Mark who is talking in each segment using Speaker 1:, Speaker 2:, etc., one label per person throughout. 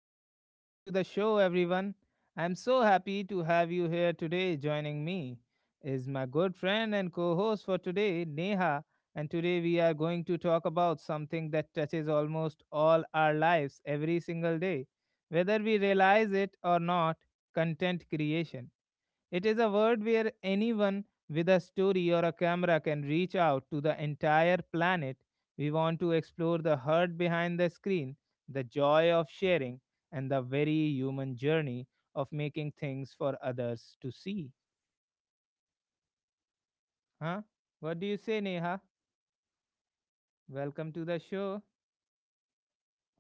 Speaker 1: and welcome to the show, everyone. I'm so happy to have you here today. Joining me is my good friend and co host for today, Neha. And today we are going to talk about something that touches almost all our lives every single day, whether we realize it or not, content creation. It is a world where anyone with a story or a camera can reach out to the entire planet. We want to explore the heart behind the screen, the joy of sharing, and the very human journey of making things for others to see. Huh? What do you say, Neha? Welcome to the show.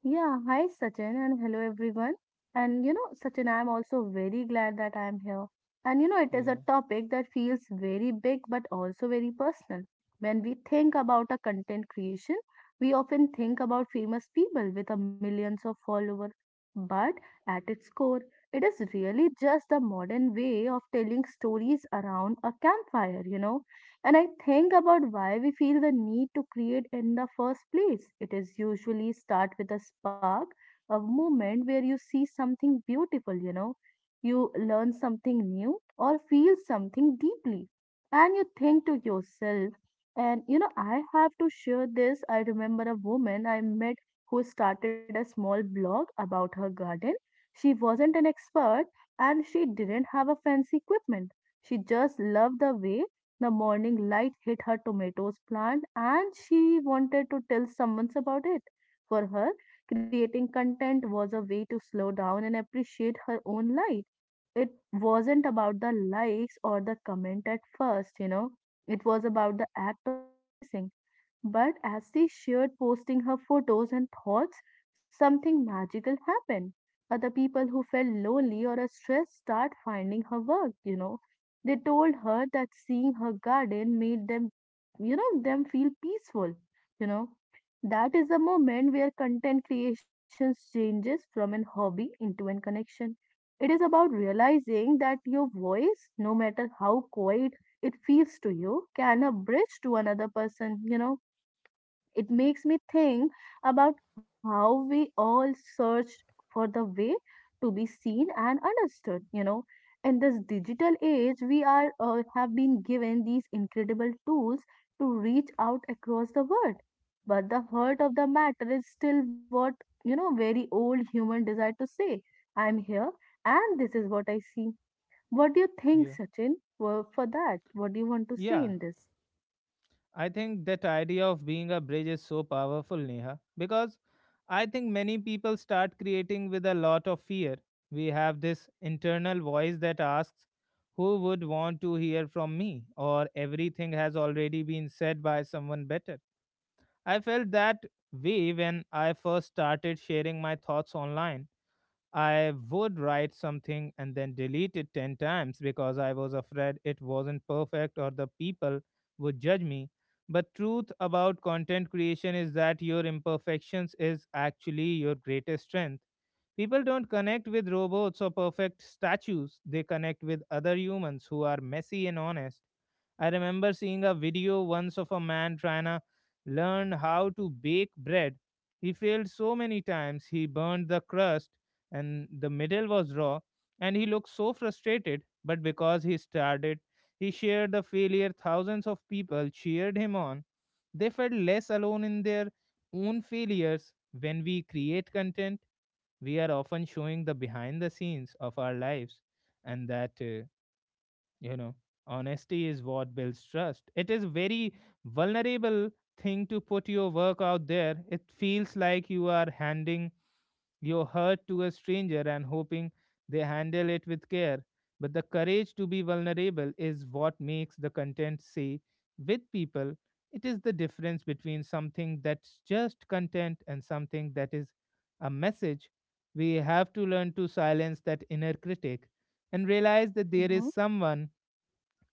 Speaker 2: Yeah, hi Sachin and hello everyone. Sachin, I am also very glad that I am here. It is a
Speaker 1: Yeah,
Speaker 2: topic that feels very big but also very personal. When we think about a content creation, we often think about famous people with a millions of followers. But at its core, it is really just the modern way of telling stories around a campfire, and I think about why we feel the need to create in the first place. It is usually start with a spark, a moment where you see something beautiful, you learn something new or feel something deeply. And you think to yourself, I have to share this. I remember a woman I met who started a small blog about her garden. She wasn't an expert and she didn't have a fancy equipment. She just loved the way the morning light hit her tomatoes plant and she wanted to tell someone about it. For her, creating content was a way to slow down and appreciate her own life. It wasn't about the likes or the comment at first. It was about the act of noticing, but as they shared posting her photos and thoughts, something magical happened. Other people who felt lonely or stressed start finding her work. They told her that seeing her garden made them feel peaceful, you know. That is the moment where content creation changes from an hobby into a connection. It is about realizing that your voice, no matter how quiet it feels to you, can a bridge to another person. It makes me think about how we all searched for the way to be seen and understood. In this digital age, we are have been given these incredible tools to reach out across the world. But the heart of the matter is still what, very old human desire to say, I'm here and this is what I see. What do you think,
Speaker 1: yeah,
Speaker 2: Sachin, for that? What do you want to say
Speaker 1: yeah.
Speaker 2: in this?
Speaker 1: I think that idea of being a bridge is so powerful, Neha, because I think many people start creating with a lot of fear. We have this internal voice that asks, who would want to hear from me? Or everything has already been said by someone better. I felt that way when I first started sharing my thoughts online. I would write something and then delete it 10 times because I was afraid it wasn't perfect or the people would judge me. But truth about content creation is that your imperfections is actually your greatest strength. People don't connect with robots or perfect statues. They connect with other humans who are messy and honest. I remember seeing a video once of a man trying to learn how to bake bread. He failed so many times, he burned the crust and the middle was raw, and he looked so frustrated. But because he started, he shared the failure. Thousands of people cheered him on. They felt less alone in their own failures. When we create content, we are often showing the behind the scenes of our lives, and that you know honesty is what builds trust. It is very vulnerable thing to put your work out there. It feels like you are handing your hurt to a stranger and hoping they handle it with care. But the courage to be vulnerable is what makes the content say with people. It is the difference between something that's just content and something that is a message. We have to learn to silence that inner critic and realize that there is
Speaker 2: Mm-hmm.
Speaker 1: someone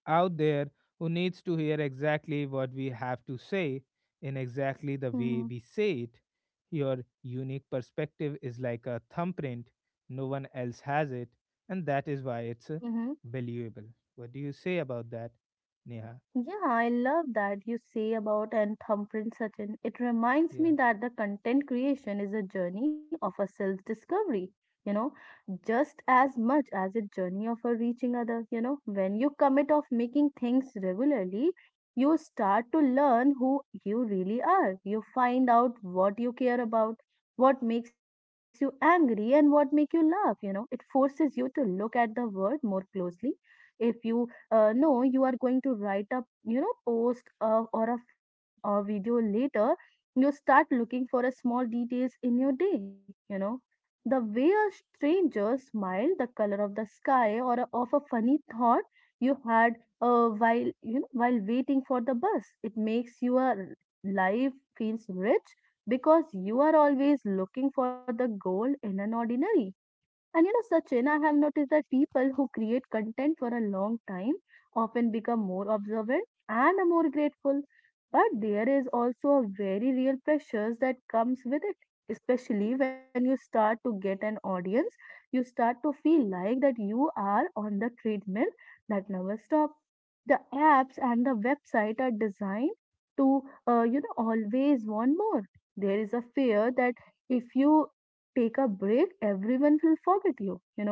Speaker 1: out there who needs to hear exactly what we have to say in exactly the way
Speaker 2: Mm-hmm.
Speaker 1: we say it. Your unique perspective is like a thumbprint, no one else has it, and that is why it's valuable. What do you say about that, Neha?
Speaker 2: Yeah, I love that you say about and thumbprint Sachin. It reminds me
Speaker 1: Yeah,
Speaker 2: that the content creation is a journey of a self-discovery, you know, just as much as a journey of a reaching other, when you commit of making things regularly, you start to learn who you really are. You find out what you care about, what makes you angry and what make you laugh. It forces you to look at the world more closely. If you no, you are going to write a post or a film or video later, you start looking for a small details in your day. The way a stranger smiled, the color of the sky, or of a funny thought you had while while waiting for the bus, it makes your life feels rich because you are always looking for the gold in an ordinary. Sachin, I have noticed that people who create content for a long time often become more observant and are more grateful. But there is also a very real pressures that comes with it, especially when you start to get an audience. You start to feel like that you are on the treadmill that never stops. The apps and the website are designed to always want more. There is a fear that if you take a break, everyone will forget you, you know.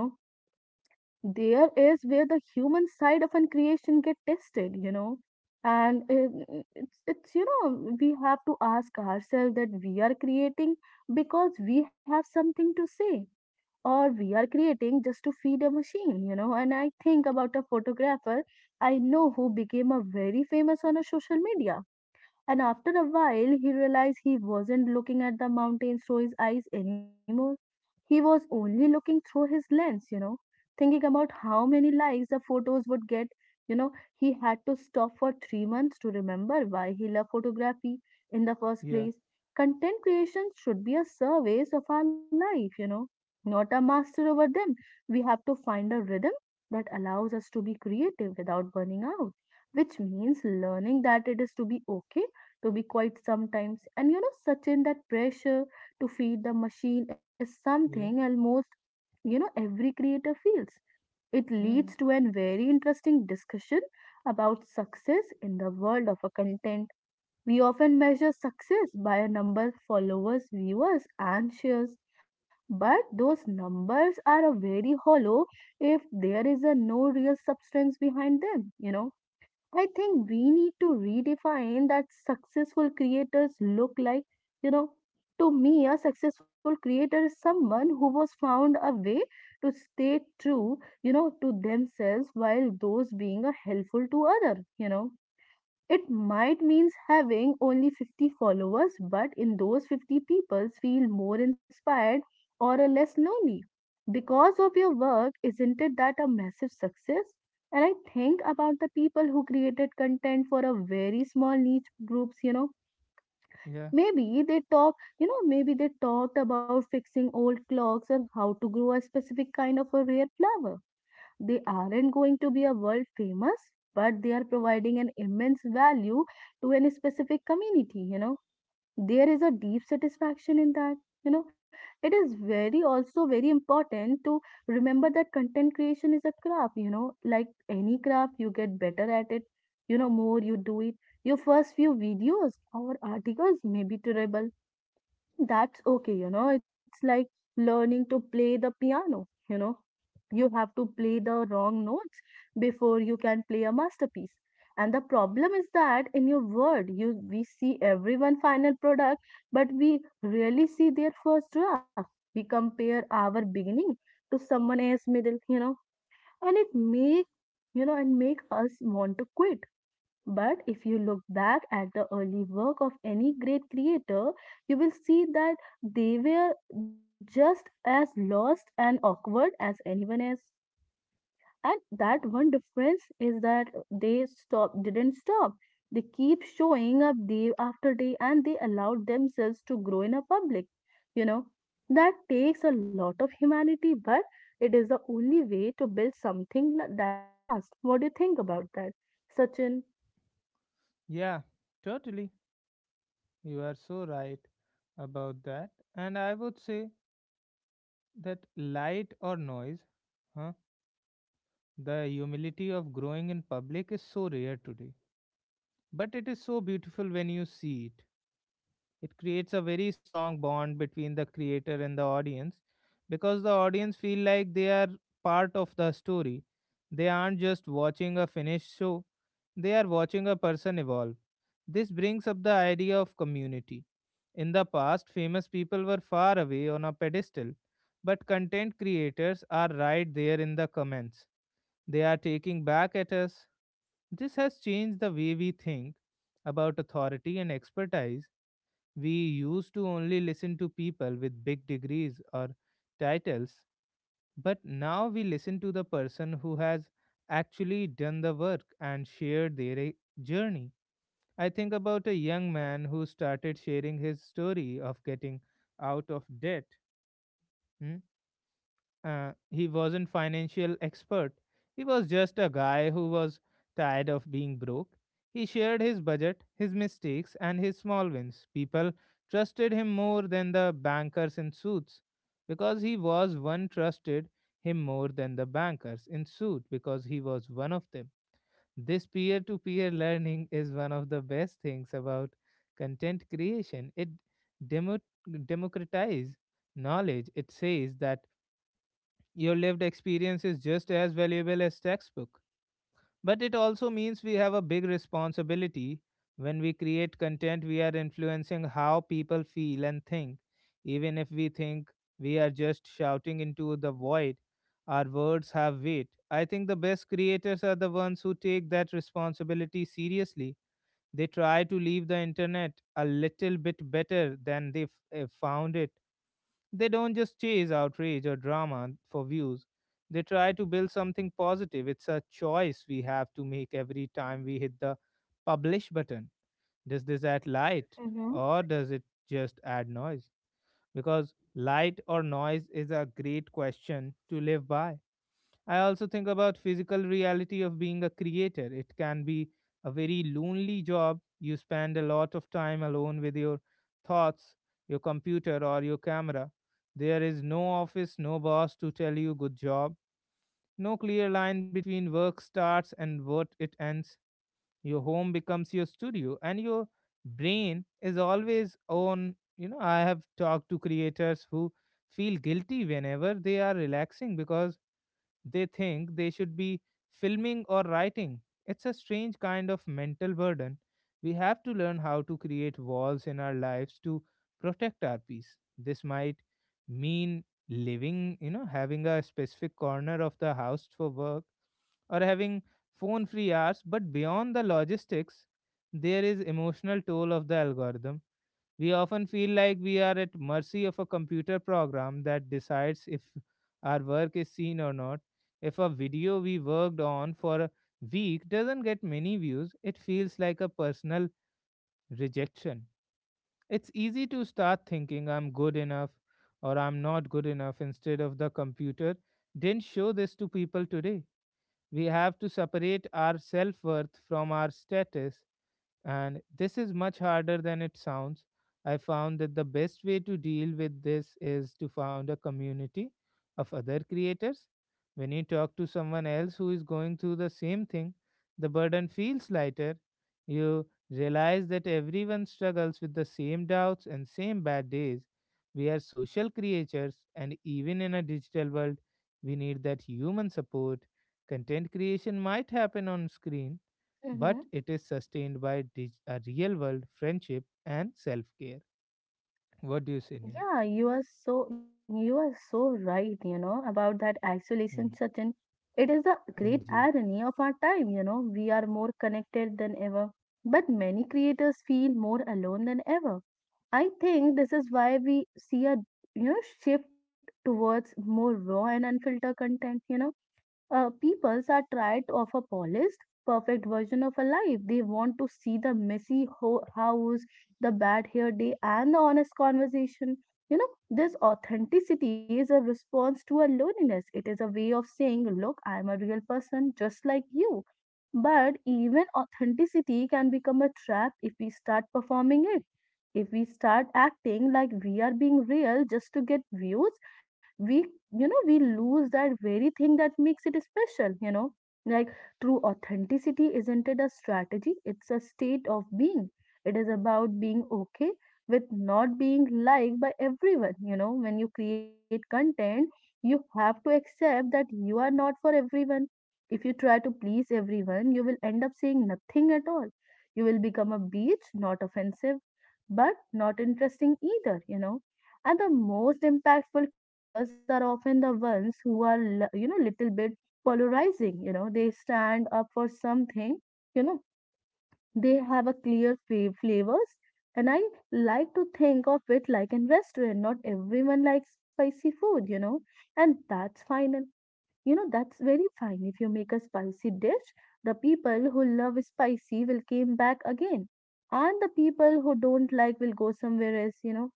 Speaker 2: There is where the human side of an creation get tested. And it's, you know, we have to ask ourselves that we are creating because we have something to say, or we are creating just to feed a machine. And I think about a photographer I know who became a very famous on a social media, and after a while he realized he wasn't looking at the mountains through his eyes anymore. He was only looking through his lens, thinking about how many likes the photos would get. You know, he had to stop for 3 months to remember why he loved photography in the first
Speaker 1: yeah,
Speaker 2: place. Content creation should be a service of our life, not a master over them. We have to find a rhythm that allows us to be creative without burning out, which means learning that it is to be okay to be quiet sometimes. Sachin, that pressure to feed the machine is something
Speaker 1: yeah.
Speaker 2: almost, every creator feels. It leads
Speaker 1: Hmm.
Speaker 2: to a very interesting discussion about success in the world of a content. We often measure success by a number of followers, viewers, and shares, but those numbers are a very hollow if there is a no real substance behind them. I think we need to redefine that successful creators look like. You know, to me, a successful creator is someone who was found a way to stay true, to themselves while those being a helpful to other. It might means having only 50 followers, but in those 50 people feel more inspired or a less lonely because of your work. Isn't it that a massive success? And I think about the people who created content for a very small niche groups.
Speaker 1: Yeah,
Speaker 2: Maybe they talk, maybe they talked about fixing old clocks or how to grow a specific kind of a rare flower. They aren't going to be a world famous, but they are providing an immense value to any specific community. There is a deep satisfaction in that. You know, it is very also very important to remember that content creation is a craft, like any craft, you get better at it, more you do it. Your first few videos or articles may be terrible. That's okay, it's like learning to play the piano, you have to play the wrong notes before you can play a masterpiece. And the problem is that in your world, you we see everyone final product, but we rarely see their first draft. We compare our beginning to someone else middle, and it make you know and make us want to quit. But if you look back at the early work of any great creator, you will see that they were just as lost and awkward as anyone else. And that one difference is that they stop didn't stop. They keep showing up day after day, and they allowed themselves to grow in a public you know that takes a lot of humanity, but it is the only way to build something that lasts. What do you think about that, Sachin?
Speaker 1: yeah, totally. You are so right about that. And I would say that, light or noise, huh? The humility of growing in public is so rare today, but it is so beautiful when you see it. It creates a very strong bond between the creator and the audience because the audience feel like they are part of the story. They aren't just watching a finished show, they are watching a person evolve. This brings up the idea of community. In the past, famous people were far away on a pedestal, but content creators are right there in the comments. They are taking back at us. This has changed the way we think about authority and expertise. We used to only listen to people with big degrees or titles, but now we listen to the person who has actually done the work and shared their journey. I think about a young man who started sharing his story of getting out of debt. Hmm? He wasn't financial expert. He was just a guy who was tired of being broke. He shared his budget, his mistakes, and his small wins. People trusted him more than the bankers in suits because he was one, trusted him more than the bankers in suit because he was one of them. This peer to peer learning is one of the best things about content creation. It demo- democratizes knowledge. It says that your lived experience is just as valuable as textbook. But it also means we have a big responsibility. When we create content, we are influencing how people feel and think. Even if we think we are just shouting into the void, our words have weight. I think the best creators are the ones who take that responsibility seriously. They try to leave the internet a little bit better than they found it. They don't just chase outrage or drama for views. They try to build something positive. It's a choice we have to make every time we hit the publish button. Does this add light,
Speaker 2: Mm-hmm.
Speaker 1: or does it just add noise? Because light or noise is a great question to live by. I also think about physical reality of being a creator. It can be a very lonely job. You spend a lot of time alone with your thoughts, your computer or your camera. There is no office, no boss to tell you good job, no clear line between work starts and what it ends. Your home becomes your studio and your brain is always on. I have talked to creators who feel guilty whenever they are relaxing because they think they should be filming or writing. It's a strange kind of mental burden. We have to learn how to create walls in our lives to protect our peace. This might mean having a specific corner of the house for work or having phone free hours. But beyond the logistics, there is emotional toll of the algorithm. We often feel like we are at mercy of a computer program that decides if our work is seen or not. If a video we worked on for a week doesn't get many views, it feels like a personal rejection. It's easy to start thinking I'm good enough or I'm not good enough, instead of the computer didn't show this to people today. We have to separate our self worth from our status, and this is much harder than it sounds. I found that the best way to deal with this is to found a community of other creators. When you talk to someone else who is going through the same thing, the burden feels lighter. You realize that everyone struggles with the same doubts and same bad days. We are social creatures, and even in a digital world, we need that human support. Content creation might happen on screen, but
Speaker 2: Mm-hmm.
Speaker 1: it is sustained by a real world friendship and self care. What do you say, Nia?
Speaker 2: Yeah, you are so right, about that isolation
Speaker 1: Hmm.
Speaker 2: certain. It is the great
Speaker 1: Hanji.
Speaker 2: irony of our time, We are more connected than ever, but many creators feel more alone than ever. I think this is why we see a shift towards more raw and unfiltered content. Peoples are tired of a polished, perfect version of a life. They want to see the messy house, the bad hair day, and the honest conversation. This authenticity is a response to a loneliness. It is a way of saying, look, I am a real person just like you. But even authenticity can become a trap if we start performing it. If we start acting like we are being real just to get views, we you know we lose that very thing that makes it special. Like, true authenticity isn't it a strategy, it's a state of being. It is about being okay with not being liked by everyone, when you create content you have to accept that you are not for everyone. If you try to please everyone, you will end up saying nothing at all. You will become a beach, not offensive but not interesting either, and the most impactful creators are often the ones who are little bit polarizing. They stand up for something you know they have a clear flavors. And I like to think of it like in restaurant, not everyone likes spicy food, and that's fine. And that's very fine. If you make a spicy dish, the people who love spicy will come back again, and the people who don't like will go somewhere else,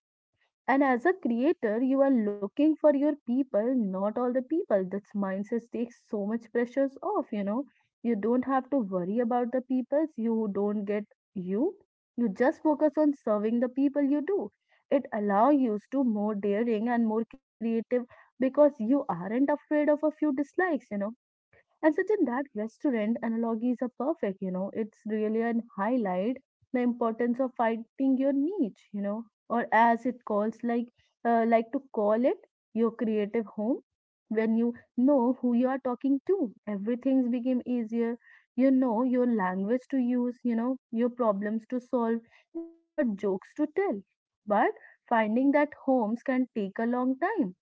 Speaker 2: and as a creator, you are looking for your people, not all the people. This mindset takes so much pressures off, you know. You don't have to worry about the peoples you don't get you. You just focus on serving the people you do. It allows you to more daring and more creative because you aren't afraid of a few dislikes, you know and certain that restaurant analogies are perfect, you know, it's really an highlight the importance of finding your niche, you know, or as it calls like to call it your creative home. When you know who you are talking to, everything's became easier. You know your language to use, you know, your problems to solve and what jokes to tell. But finding that homes can take a long time.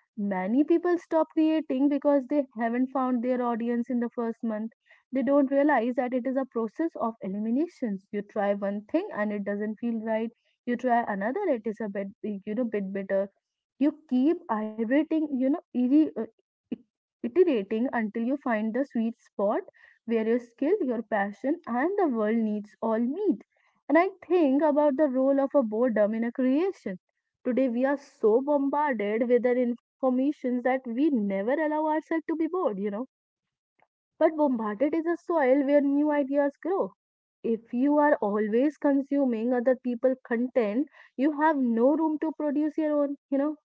Speaker 2: Many people stop creating because they haven't found their audience in the first month. They don't realize that it is a process of eliminations. You try one thing and it doesn't feel right. You try another, it is a bit, you know, bit better. You keep iterating, you know, it- iterating until you find the sweet spot where your skill, your passion, and the world needs all meet. And I think about the role of a boredom in a creation. Today we are so bombarded with an information that we never allow ourselves to be bored, you know. But bombarded is a soil where new ideas grow. If you are always consuming other people's content, you have no room to produce your own, you know.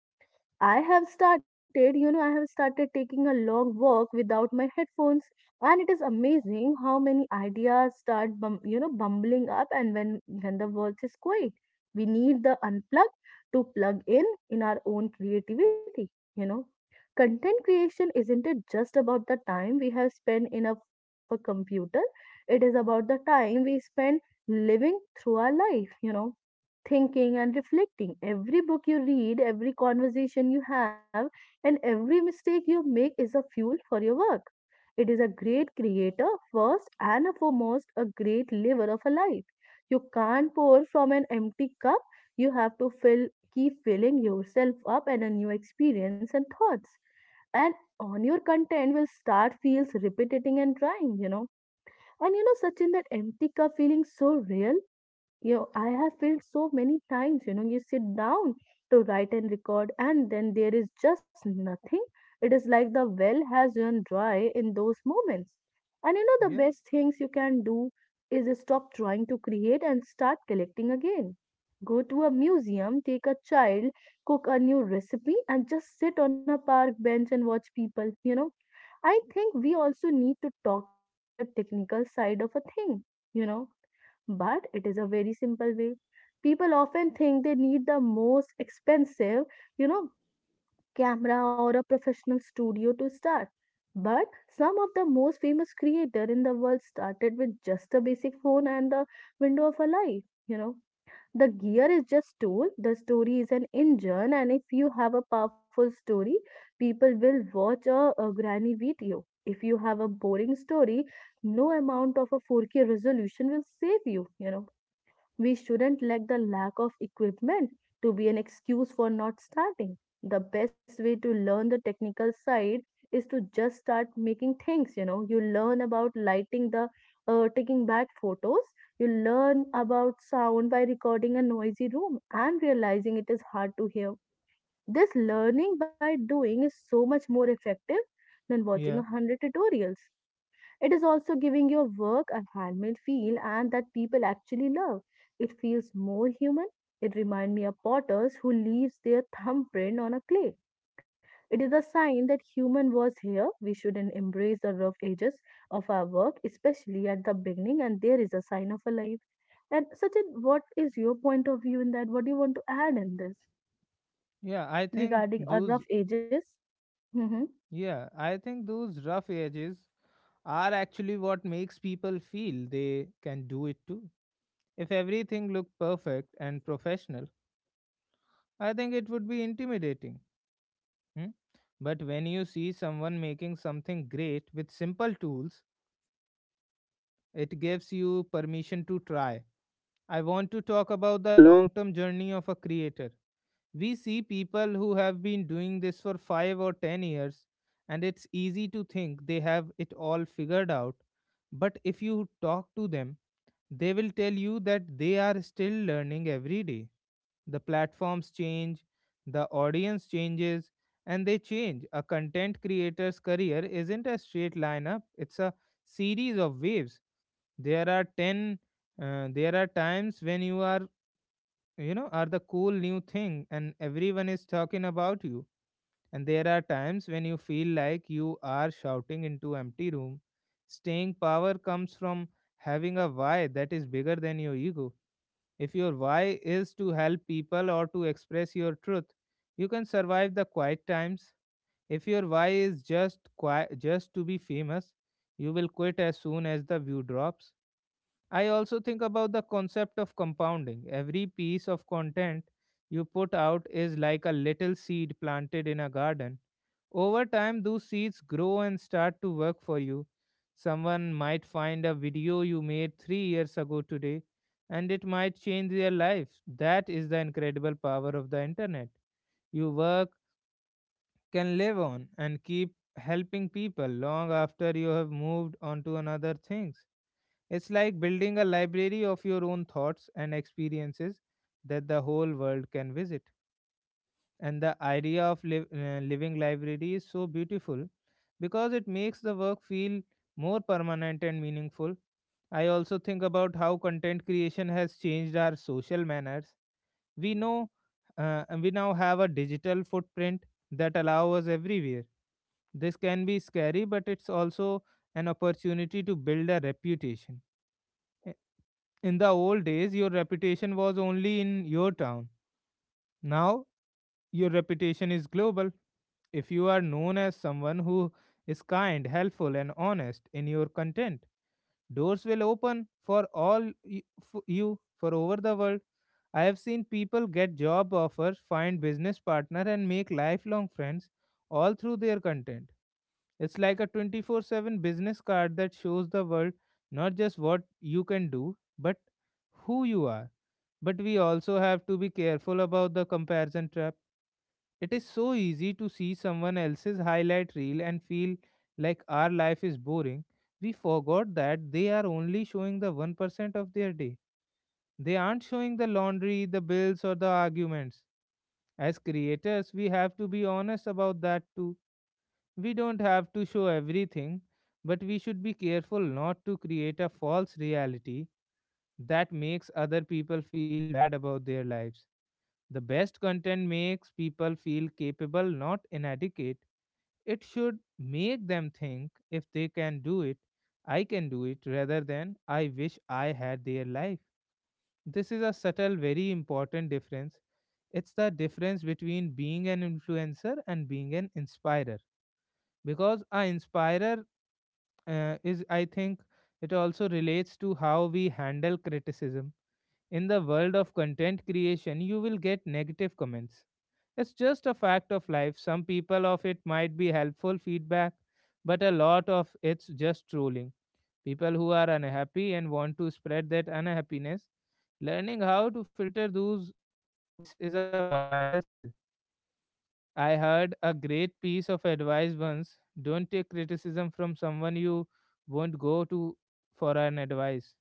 Speaker 2: I have started taking a long walk without my headphones, and it is amazing how many ideas start, bumbling up. And when the world is quiet, we need the unplug to plug in our own creativity. You know, content creation isn't it just about the time we have spent in a front of a computer? It is about the time we spend living through our life. You know, thinking and reflecting. Every book you read, every conversation you have, and every mistake you make is a fuel for your work. It is a great creator, first and foremost, a great liver of a life. You can't pour from an empty cup. You have to fill, keep filling yourself up and a new experience and thoughts and on your content will start feels repetitive and drying, you know. And you know such in that empty cup feeling so real, you know, I have felt so many times, you know, you sit down to write and record, and then there is just nothing. It is like the well has run dry in those moments. And you know,
Speaker 1: Yeah,
Speaker 2: the best things you can do is stop trying to create and start collecting again. Go to a museum, take a child, cook a new recipe, and just sit on a park bench and watch people, you know, I think we also need to talk about the technical side of a thing, you know, but it is a very simple way. People often think they need the most expensive, you know, camera or a professional studio to start. But some of the most famous creator in the world started with just a basic phone and the window of a life, you know. The gear is just tool, the story is an engine, and if you have a powerful story, people will watch a granny video. If you have a boring story, no amount of a 4K resolution will save you, you know. We shouldn't let the lack of equipment to be an excuse for not starting. The best way to learn the technical side is to just start making things, you know. You learn about lighting the taking bad photos. You learn about sound by recording a noisy room and realizing it is hard to hear. This learning by doing is so much more effective than watching a
Speaker 1: yeah,
Speaker 2: hundred tutorials. It is also giving your work a handmade feel and that people actually love. It feels more human. It reminds me of potters who leaves their thumbprint on a clay. It is a sign that human was here. We should not embrace the rough edges of our work, especially at the beginning, and there is a sign of a life. And Sachin, what is your point of view in that? What do you want to add in this
Speaker 1: yeah.
Speaker 2: regarding our rough edges? Mm-hmm.
Speaker 1: Yeah, I think those rough edges are actually what makes people feel they can do it too. If everything looked perfect and professional, I think it would be intimidating. Hmm? But when you see someone making something great with simple tools, it gives you permission to try. I want to talk about the long term journey of a creator. We see people who have been doing this for 5 or 10 years, and it's easy to think they have it all figured out. But if you talk to them, they will tell you that they are still learning every day. The platforms change, the audience changes, and they change. A content creator's career isn't a straight line up, it's a series of waves. There are 10, there are times when you are you know are the cool new thing and everyone is talking about you, and there are times when you feel like you are shouting into empty room. Staying power comes from having a why that is bigger than your ego. If your why is to help people or to express your truth, you can survive the quiet times. If your why is just just to be famous, you will quit as soon as the view drops. I also think about the concept of compounding. Every piece of content you put out is like a little seed planted in a garden. Over time, those seeds grow and start to work for you. Someone might find a video you made 3 years ago today, and it might change their lives. That is the incredible power of the internet. Your work can live on and keep helping people long after you have moved on to another things. It's like building a library of your own thoughts and experiences that the whole world can visit. And the idea of living library is so beautiful because it makes the work feel more permanent and meaningful. I also think about how content creation has changed our social manners. We know we now have a digital footprint that allows us everywhere. This can be scary, but it's also an opportunity to build a reputation. In the old days, your reputation was only in your town. Now, your reputation is global. If you are known as someone who is kind, helpful, and honest in your content, doors will open for you for over the world. I have seen people get job offers, find business partner, and make lifelong friends all through their content. It's like a 24/7 business card that shows the world not just what you can do, but who you are. But we also have to be careful about the comparison trap. It is so easy to see someone else's highlight reel and feel like our life is boring. We forgot that they are only showing the 1% of their day. They aren't showing the laundry, the bills, or the arguments. As creators, we have to be honest about that too. We don't have to show everything, but we should be careful not to create a false reality that makes other people feel bad about their lives. The best content makes people feel capable, not inadequate. It should make them think if they can do it, I can do it, rather than I wish I had their life. This is a subtle, very important difference. It's the difference between being an influencer and being an inspirer. Because a inspirer is, I think, it also relates to how we handle criticism. In the world of content creation, you will get negative comments. It's just a fact of life. Some people of it might be helpful feedback, but a lot of it's just trolling. People who are unhappy and want to spread that unhappiness. Learning how to filter those voices is a vital skill. I heard a great piece of advice once: don't take criticism from someone you won't go to for an advice.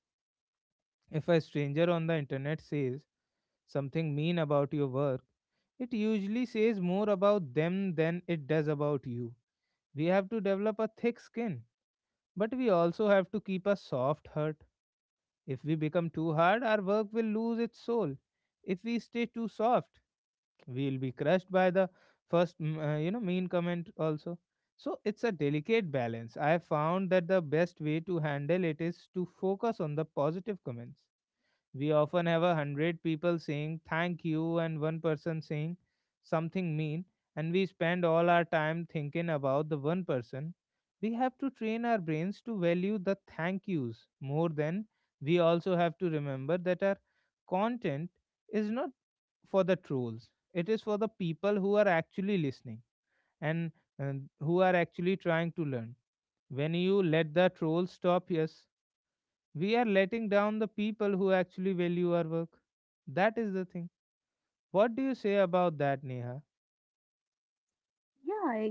Speaker 1: If a stranger on the internet says something mean about your work, it usually says more about them than it does about you. We have to develop a thick skin, but we also have to keep a soft heart. If we become too hard, our work will lose its soul. If we stay too soft, we'll be crushed by the first, mean comment also. So it's a delicate balance. I have found that the best way to handle it is to focus on the positive comments. We often have a hundred people saying thank you and one person saying something mean, and we spend all our time thinking about the one person. We have to train our brains to value the thank yous more than we also have to remember that our content is not for the trolls, it is for the people who are actually listening and, and who are actually trying to learn. When you let the trolls stop, yes, we are letting down the people who actually value our work. That is the thing. What do you say about that, Neha?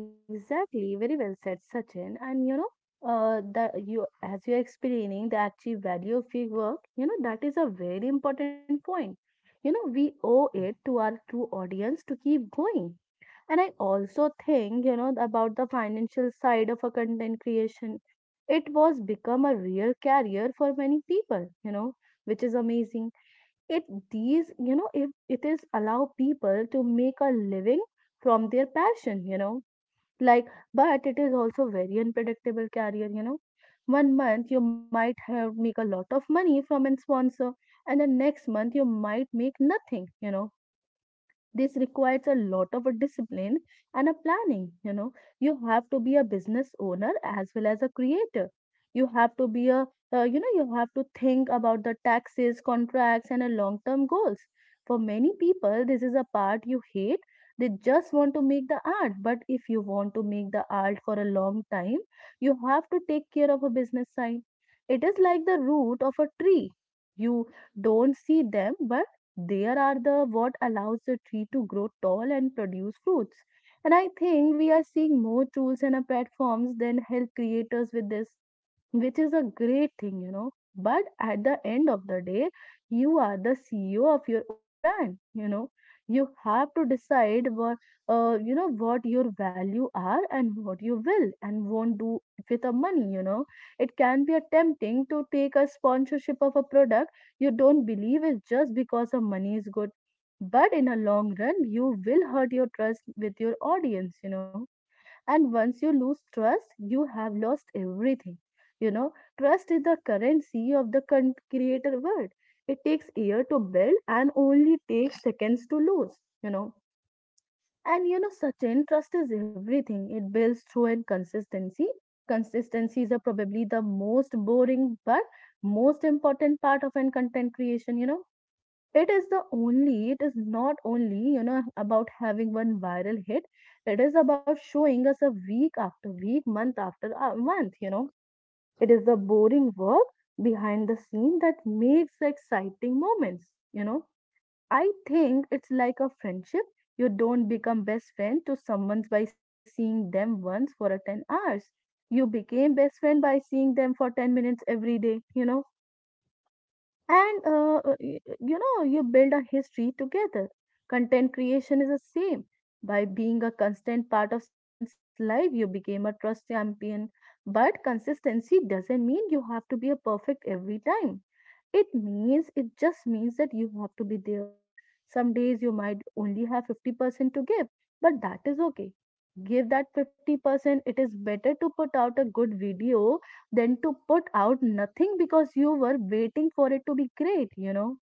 Speaker 2: Yeah, exactly. Very well said, Sachin. And you know, the you as you're explaining the actual value of your work, you know, that is a very important point. You know, we owe it to our true audience to keep going. And I also think, you know, about the financial side of a content creation. It was become a real career for many people, you know, which is amazing. It you know, if it is allow people to make a living from their passion, you know, like, but it is also very unpredictable career, you know. 1 month you might have make a lot of money from a sponsor, and the next month you might make nothing, you know. This requires a lot of a discipline and a planning, you know. You have to be a business owner as well as a creator. You have to be a you know, you have to think about the taxes contracts and a long term goals. For many people this is a part you hate. They just want to make the art, but if you want to make the art for a long time, you have to take care of a business sign. It is like the root of a tree. You don't see them, but there are the what allows the tree to grow tall and produce fruits. And I think we are seeing more tools and platforms than help creators with this, which is a great thing, you know. But at the end of the day, you are the CEO of your own brand, you know. You have to decide what, you know, what your value are and what you will and won't do with the money, you know. It can be a tempting to take a sponsorship of a product you don't believe is just because the money is good. But in a long run, you will hurt your trust with your audience, you know, and once you lose trust, you have lost everything. You know, trust is the currency of the creator world. It takes year to build and only takes seconds to lose, you know. And you know, Sachin, trust is everything. It builds through and consistency. Consistency is a probably the most boring but most important part of an content creation, you know, it is the only it is not only you know about having one viral hit, it is about showing us a week after week month after month, you know, it is the boring work behind the scene that makes the exciting moments, you know. I think it's like a friendship. You don't become best friend to someone by seeing them once for a 10 hours. You became best friend by seeing them for 10 minutes every day, you know. And you know you build a history together. Content creation is the same. By being a constant part of someone's life you became a trust champion. But consistency doesn't mean you have to be a perfect every time. It means it just means that you have to be there. Some days you might only have 50% to give, but that is okay. Give that 50%. It is better to put out a good video than to put out nothing because you were waiting for it to be great, you know.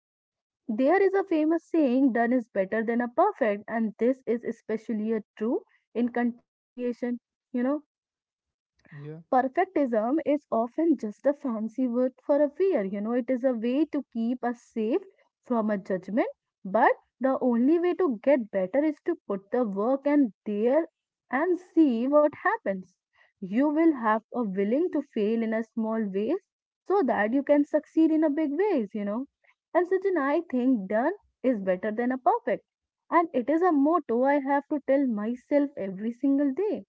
Speaker 2: There is a famous saying, done is better than a perfect, and this is especially a true in content creation, you know.
Speaker 1: Yeah,
Speaker 2: Perfectism is often just a fancy word for a fear, you know, it is a way to keep us safe from a judgment. But the only way to get better is to put the work and there and see what happens. You will have a willing to fail in a small ways so that you can succeed in a big ways, you know. And Sachin, I think done is better than a perfect. And it is a motto I have to tell myself every single day.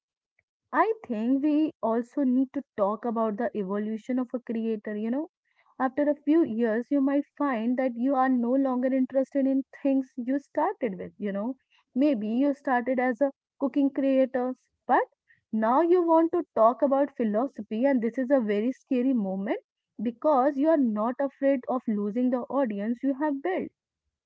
Speaker 2: I think we also need to talk about the evolution of a creator. You know, after a few years, you might find that you are no longer interested in things you started with. You know, maybe you started as a cooking creator, but now you want to talk about philosophy, and this is a very scary moment because you are not afraid of losing the audience you have built,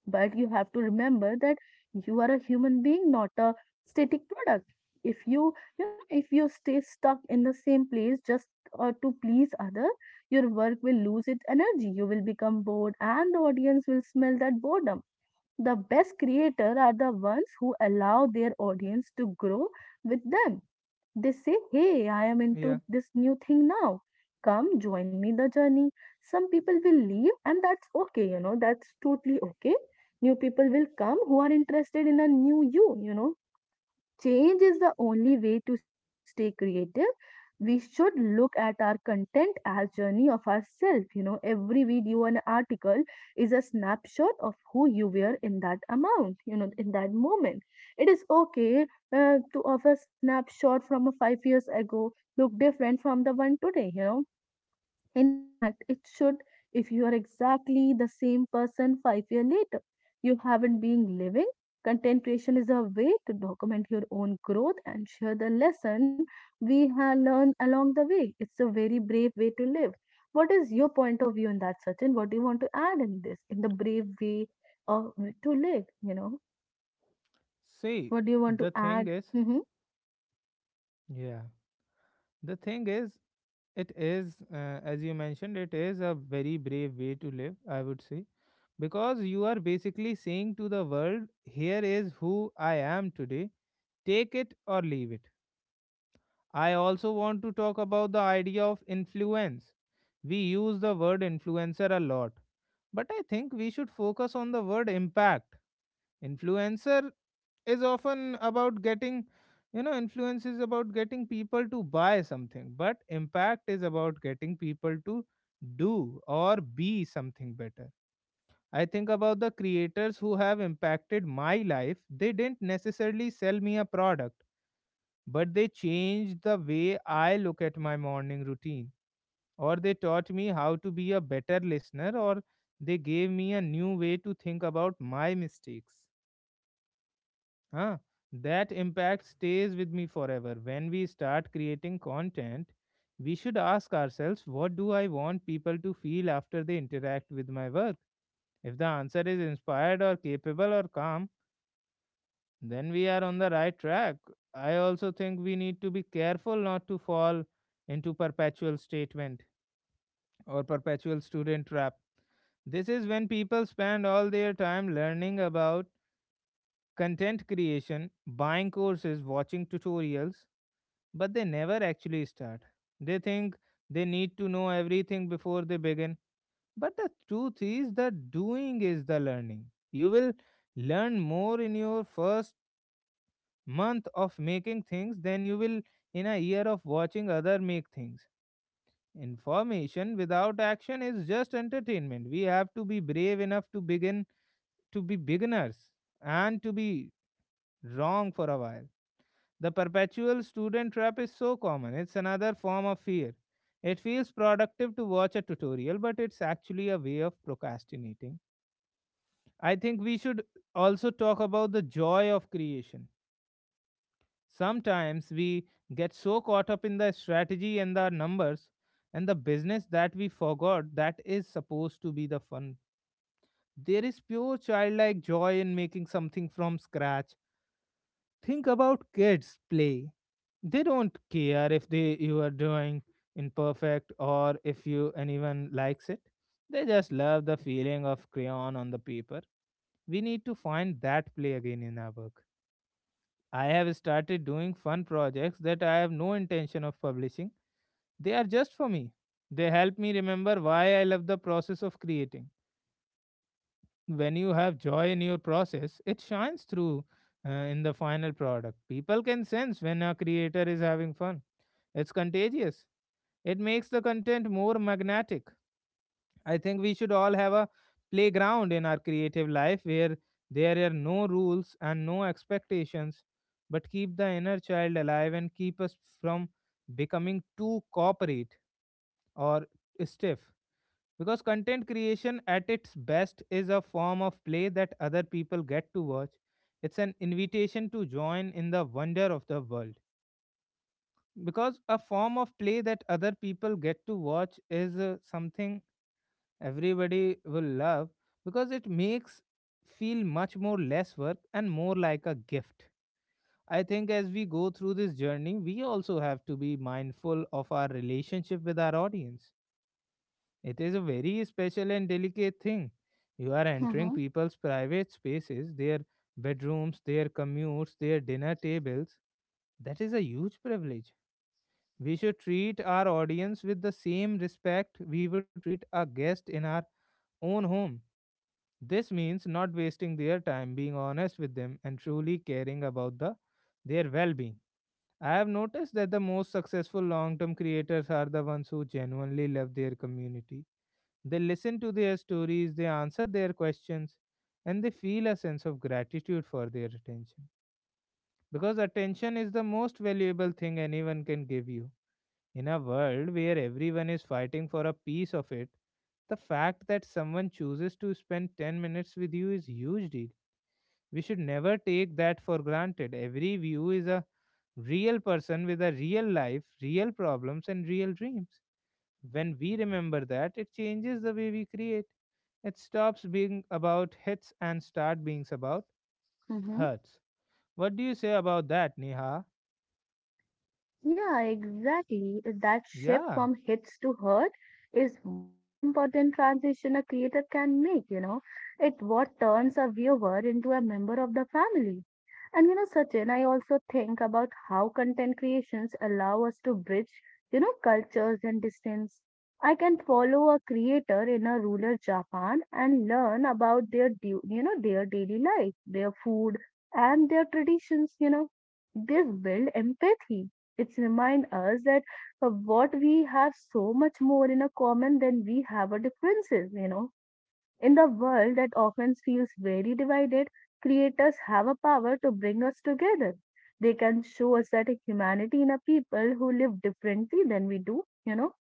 Speaker 2: but you have to remember that you are a human being, not a static product. If you, you know, if you stay stuck in the same place just to please other, your work will lose its energy. You will become bored, and the audience will smell that boredom. The best creators are the ones who allow their audience to grow with them. They say, "Hey, I am into
Speaker 1: yeah.
Speaker 2: this new thing now. Come join me the journey." Some people will leave, and that's okay, you know, that's totally okay. New people will come who are interested in a new you, you know, change is the only way to stay creative. We should look at our content as journey of ourselves, you know, every video and article is a snapshot of who you were in that amount, you know, in that moment. It is okay to offer snapshot from a 5 years ago, look different from the one today, you know. In fact, it should. If you are exactly the same person 5 years later. You haven't been living. Content creation is a way to document your own growth and share the lesson we have learned along the way. It's a very brave way to live. What is your point of view on that, Sachin? What do you want to add in this, in the brave way of to live?
Speaker 1: See,
Speaker 2: What do you want to
Speaker 1: the thing
Speaker 2: add?
Speaker 1: is,
Speaker 2: Mm-hmm,
Speaker 1: yeah, the thing is, it is, as you mentioned, it is a very brave way to live, I would say, because you are basically saying to the world, here is who I am today, take it or leave it. I also want to talk about the idea of influence. We use the word influencer a lot, but I think we should focus on the word impact. Influencer is often about influence is about getting people to buy something, but impact is about getting people to do or be something better. I think about the creators who have impacted my life. They didn't necessarily sell me a product, but they changed the way I look at my morning routine, or they taught me how to be a better listener, or they gave me a new way to think about my mistakes. Huh. That impact stays with me forever. When we start creating content, we should ask ourselves, what do I want people to feel after they interact with my work? If the answer is inspired or capable or calm, then we are on the right track. I also think we need to be careful not to fall into perpetual statement or perpetual student trap. This is when people spend all their time learning about content creation, buying courses, watching tutorials, but they never actually start. They think they need to know everything before they begin. But the truth is that doing is the learning. You will learn more in your first month of making things than you will in a year of watching other make things. Information without action is just entertainment. We have to be brave enough to begin, to be beginners, and to be wrong for a while. The perpetual student trap is so common. It's another form of fear. It feels productive to watch a tutorial, but it's actually a way of procrastinating. I think we should also talk about the joy of creation. Sometimes we get so caught up in the strategy and the numbers and the business that we forgot that is supposed to be the fun. There is pure childlike joy in making something from scratch. Think about kids play. They don't care if they you are doing imperfect or if you anyone likes it. They just love the feeling of crayon on the paper. We need to find that play again in our work. I have started doing fun projects that I have no intention of publishing. They are just for me. They help me remember why I love the process of creating. When you have joy in your process, it shines through in the final product. People can sense when a creator is having fun. It's contagious. It makes the content more magnetic. I think we should all have a playground in our creative life where there are no rules and no expectations, but keep the inner child alive and keep us from becoming too corporate or stiff. Because content creation at its best is a form of play that other people get to watch. It's an invitation to join in the wonder of the world. Because a form of play that other people get to watch is something everybody will love because it makes feel much more less work and more like a gift. I think as we go through this journey we also have to be mindful of our relationship with our audience. It is a very special and delicate thing. You are entering
Speaker 2: mm-hmm,
Speaker 1: people's private spaces, their bedrooms, their commutes, their dinner tables. That is a huge privilege. We should treat our audience with the same respect we would treat a guest in our own home. This means not wasting their time, being honest with them, and truly caring about the, their well being. I have noticed that the most successful long term creators are the ones who genuinely love their community. They listen to their stories, they answer their questions, and they feel a sense of gratitude for their attention. Because attention is the most valuable thing anyone can give you. In a world where everyone is fighting for a piece of it, the fact that someone chooses to spend 10 minutes with you is huge deal. We should never take that for granted. Every view is a real person with a real life, real problems, and real dreams. When we remember that, it changes the way we create. It stops being about hits and start being about
Speaker 2: mm-hmm.
Speaker 1: hurts. What do you say about that, Neha?
Speaker 2: Yeah, exactly. That shift
Speaker 1: Yeah,
Speaker 2: from hits to hurt is most important transition a creator can make, you know. It what turns a viewer into a member of the family. And you know, Sachin, I also think about how content creations allow us to bridge, you know, cultures and distance. I can follow a creator in a rural Japan and learn about their, you know, their daily life, their food, and their traditions, you know. This build empathy, it's remind us that what we have so much more in a common than we have a differences, you know. In the world that often feels very divided, creators have a power to bring us together. They can show us that humanity in a people who live differently than we do, you know.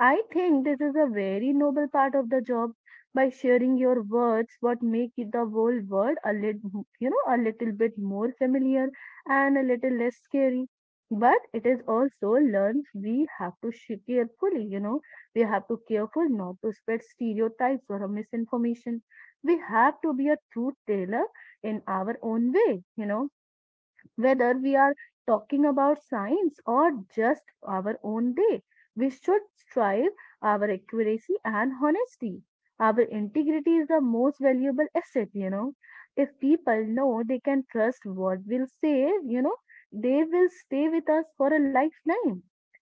Speaker 2: I think this is a very noble part of the job, by sharing your words what make it the whole world a little, you know, a little bit more familiar and a little less scary. But it is also learned we have to carefully, you know, we have to careful not to spread stereotypes or a misinformation. We have to be a truth teller in our own way, you know, whether we are talking about science or just our own day. We should strive our accuracy and honesty. Our integrity is the most valuable asset, you know. If people know they can trust what we'll say, you know, they will stay with us for a lifetime.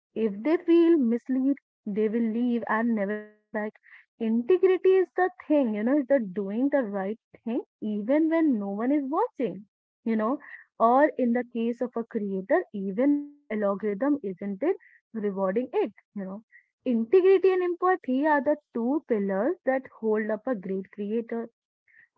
Speaker 2: If they feel misled, they will leave and never came back. Integrity is the thing, you know, is the doing the right thing even when no one is watching, you know, or in the case of a creator, even when the algorithm isn't it rewarding it, you know. Integrity and empathy are the two pillars that hold up a great creator.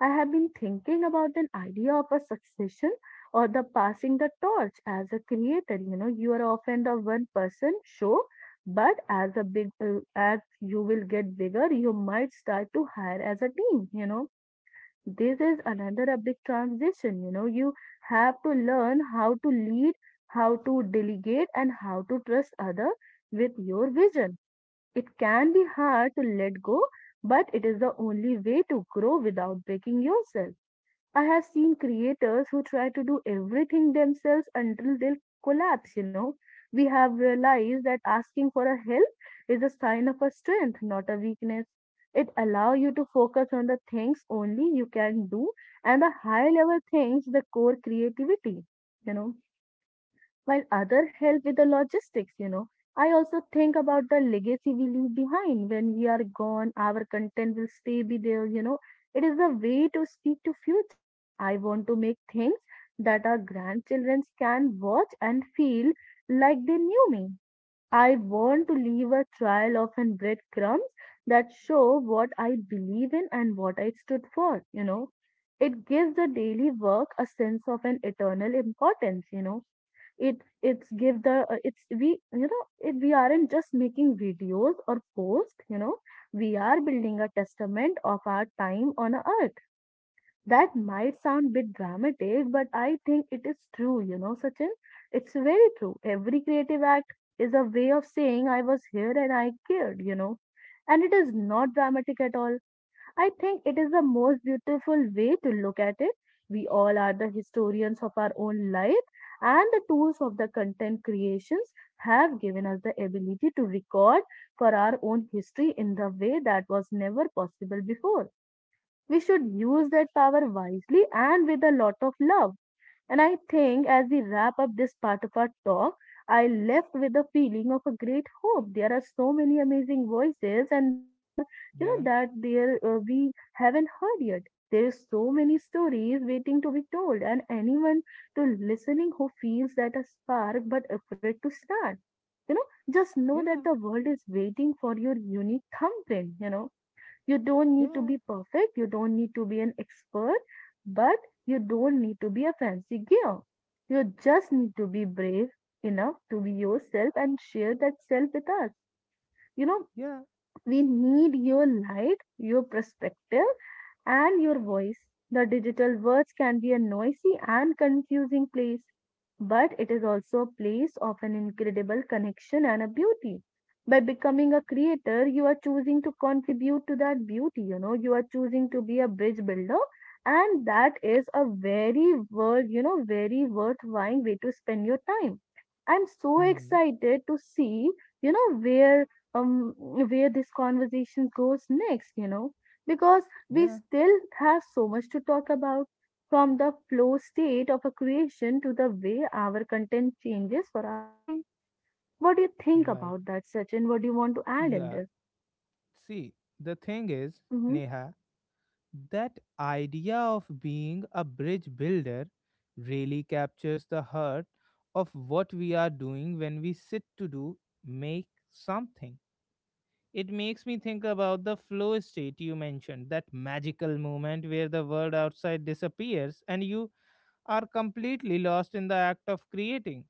Speaker 2: I have been thinking about an idea of a succession or the passing the torch as a creator. You know, you are often the one person show, but as a big as you will get bigger, you might start to hire as a team. You know, this is another a big transition. You know, you have to learn how to lead, how to delegate, and how to trust other with your vision. It can be hard to let go, but it is the only way to grow without breaking yourself. I have seen creators who try to do everything themselves until they collapse, you know. We have realized that asking for a help is a sign of a strength, not a weakness. It allows you to focus on the things only you can do and the high level things, the core creativity, you know, while other help with the logistics, you know. I also think about the legacy we leave behind when we are gone, our content will stay be there, you know. It is the way to speak to future. I want to make things that our grandchildren can watch and feel like they knew me. I want to leave a trail of and breadcrumbs that show what I believe in and what I stood for, you know. It gives the daily work a sense of an eternal importance, you know. It it's give the it's we you know it, we aren't just making videos or posts, you know. We are building a testament of our time on earth. That might sound a bit dramatic, but I think it is true, you know, Sachin. It's very true. Every creative act is a way of saying I was here and I cared, you know. And it is not dramatic at all. I think it is the most beautiful way to look at it. We all are the historians of our own life, and the tools of the content creations have given us the ability to record for our own history in the way that was never possible before. We should use that power wisely and with a lot of love. And I think as we wrap up this part of our talk, I left with a feeling of a great hope. There are so many amazing voices, and there are, you
Speaker 1: yeah,
Speaker 2: know, that there we haven't heard yet. There is so many stories waiting to be told, and anyone to listening who feels that a spark but afraid to start, you know, just
Speaker 1: yeah,
Speaker 2: know that the world is waiting for your unique thumbprint. You know, you don't
Speaker 1: yeah,
Speaker 2: need to be perfect, you don't need to be an expert, but you don't need to be a fancy gear. You just need to be brave enough to be yourself and share that self with us. You know,
Speaker 1: yeah.
Speaker 2: we need your light, your perspective, and your voice. The digital words can be a noisy and confusing place, but it is also a place of an incredible connection and a beauty. By becoming a creator, you are choosing to contribute to that beauty, you know, you are choosing to be a bridge builder, and that is a very worth, you know, very worthwhile way to spend your time. I'm so
Speaker 1: Hmm.
Speaker 2: excited to see, you know, um where this conversation goes next, you know, because we
Speaker 1: Yeah,
Speaker 2: still have so much to talk about, from the flow state of a creation to the way our content changes for our brain. What do you think
Speaker 1: right.
Speaker 2: about that, Sachin? What do you want to add in
Speaker 1: Yeah.
Speaker 2: this?
Speaker 1: See, the thing is,
Speaker 2: Mm-hmm.
Speaker 1: Neha, that idea of being a bridge builder really captures the heart of what we are doing when we sit to do make something. It makes me think about the flow state you mentioned, that magical moment where the world outside disappears and you are completely lost in the act of creating.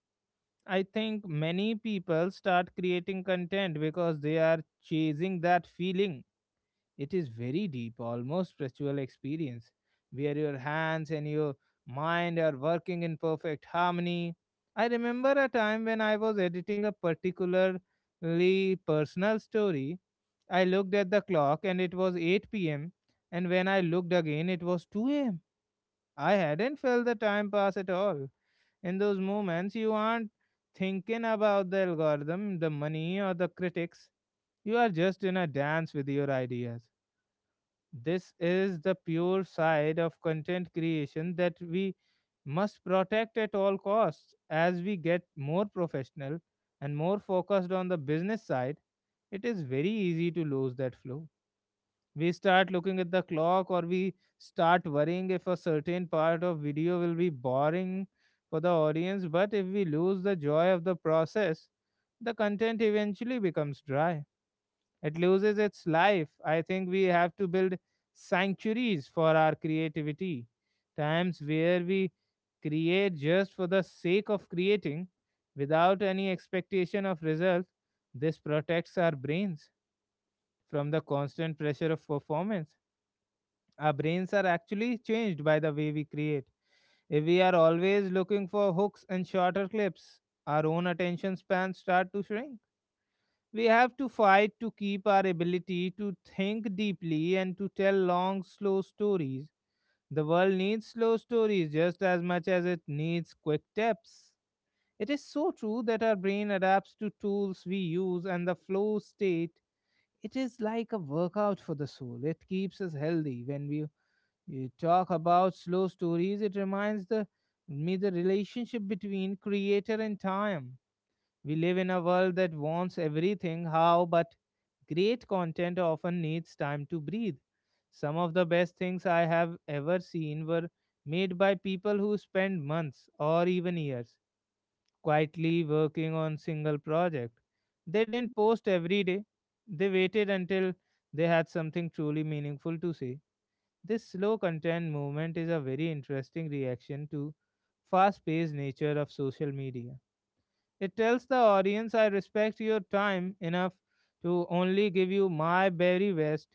Speaker 1: I think many people start creating content because they are chasing that feeling. It is very deep, almost spiritual experience, where your hands and your mind are working in perfect harmony. I remember a time when I was editing a particularly personal story. I looked at the clock and it was 8 p.m., and when I looked again, it was 2 am. I hadn't felt the time pass at all. In those moments, you aren't thinking about the algorithm, the money, or the critics. You are just in a dance with your ideas. This is the pure side of content creation that we must protect at all costs. As we get more professional and more focused on the business side, it is very easy to lose that flow. We start looking at the clock or we start worrying if a certain part of video will be boring for the audience, but if we lose the joy of the process, the content eventually becomes dry. It loses its life. I think we have to build sanctuaries for our creativity, times where we create just for the sake of creating without any expectation of result. This protects our brains from the constant pressure of performance. Our brains are actually changed by the way we create. If we are always looking for hooks and shorter clips, our own attention spans start to shrink. We have to fight to keep our ability to think deeply and to tell long, slow stories. The world needs slow stories just as much as it needs quick tips. It is so true that our brain adapts to tools we use and the flow state. It is like a workout for the soul. It keeps us healthy. When we talk about slow stories, it reminds me the relationship between creator and time. We live in a world that wants everything how, but great content often needs time to breathe. Some of the best things I have ever seen were made by people who spend months or even years quietly working on single project. They didn't post every day. They waited until they had something truly meaningful to say. This slow content movement is a very interesting reaction to fast paced nature of social media. It tells the audience, I respect your time enough to only give you my very best.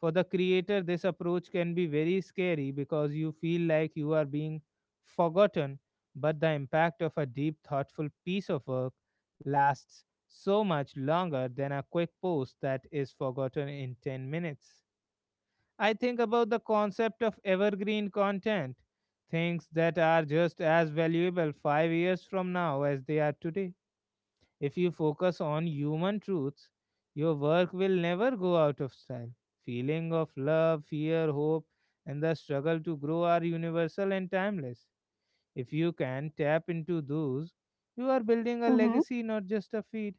Speaker 1: For the creator, this approach can be very scary because you feel like you are being forgotten. But the impact of a deep, thoughtful piece of work lasts so much longer than a quick post that is forgotten in 10 minutes. I think about the concept of evergreen content, things that are just as valuable 5 years from now as they are today. If you focus on human truths, your work will never go out of style. Feeling of love, fear, hope, and the struggle to grow are universal and timeless. If you can tap into those, you are building a
Speaker 2: Mm-hmm.
Speaker 1: legacy, not just a feed.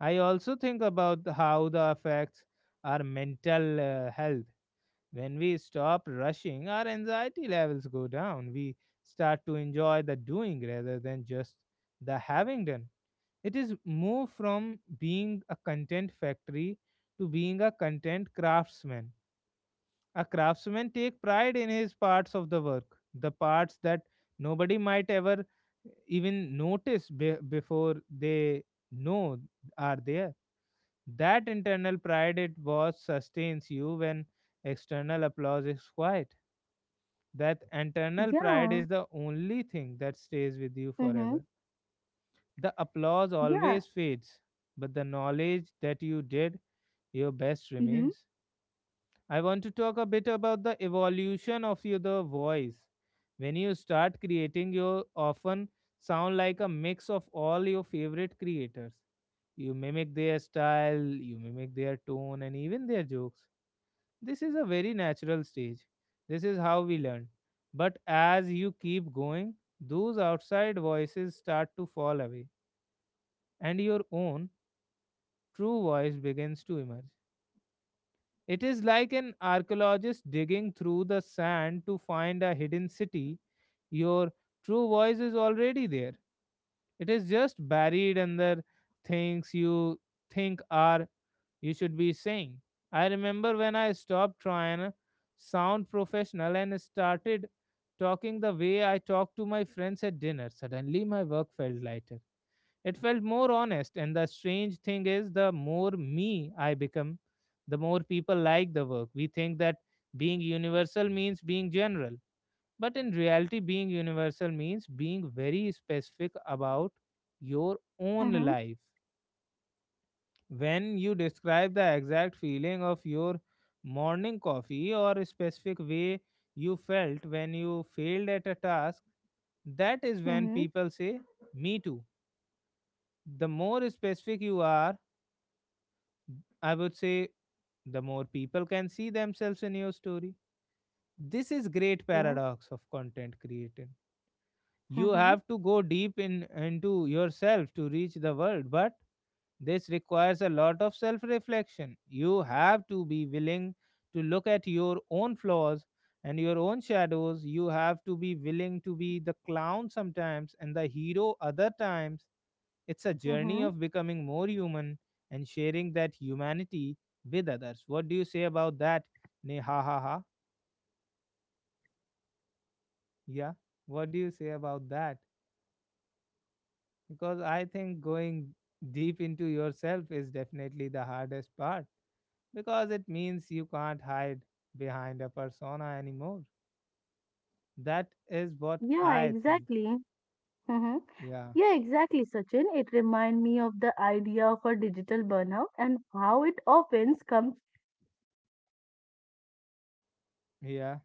Speaker 1: I also think about how the affects our mental health. When we stop rushing, our anxiety levels go down. We start to enjoy the doing rather than just the having done. It is move from being a content factory to being a content craftsman. A craftsman take pride in his parts of the work, the parts that nobody might ever even notice before they know are there. That internal pride it was sustains you when external applause is quiet. That internal pride
Speaker 2: Yeah.
Speaker 1: is the only thing that stays with you
Speaker 2: Mm-hmm.
Speaker 1: forever. The applause
Speaker 2: Yeah.
Speaker 1: always fades, but the knowledge that you did your best
Speaker 2: Mm-hmm.
Speaker 1: remains. I want to talk a bit about the evolution of your the voice. When you start creating, you often sound like a mix of all your favorite creators. You mimic their style, you mimic their tone, and even their jokes. This is a very natural stage. This is how we learn. But as you keep going, those outside voices start to fall away and your own true voice begins to emerge. It is like an archaeologist digging through the sand to find a hidden city. Your true voice is already there. It is just buried under things you think are you should be saying. I remember when I stopped trying to sound professional and started talking the way I talk to my friends at dinner. Suddenly my work felt lighter. It felt more honest, and the strange thing is, the more me I become, the more people like the work. We think that being universal means being general, but in reality, being universal means being very specific about your own
Speaker 2: Mm-hmm.
Speaker 1: life. When you describe the exact feeling of your morning coffee or a specific way you felt when you failed at a task, that is when
Speaker 2: Mm-hmm.
Speaker 1: people say, me too. The more specific you are, I would say the more people can see themselves in your story. This is great
Speaker 2: Yeah.
Speaker 1: paradox of content creating. You
Speaker 2: Mm-hmm.
Speaker 1: have to go deep in into yourself to reach the world, but this requires a lot of self reflection. You have to be willing to look at your own flaws and your own shadows. You have to be willing to be the clown sometimes and the hero other times. It's a journey
Speaker 2: Mm-hmm.
Speaker 1: of becoming more human and sharing that humanity with others. What do you say about that? Ne ha ha ha. Yeah. What do you say about that? Because I think going deep into yourself is definitely the hardest part because it means you can't hide behind a persona anymore. That is what
Speaker 2: Yeah,
Speaker 1: I think.
Speaker 2: exactly. Mm-hmm.
Speaker 1: Yeah.
Speaker 2: Yeah, exactly, Sachin. It reminds me of the idea of a digital burnout and how it often comes
Speaker 1: Yeah.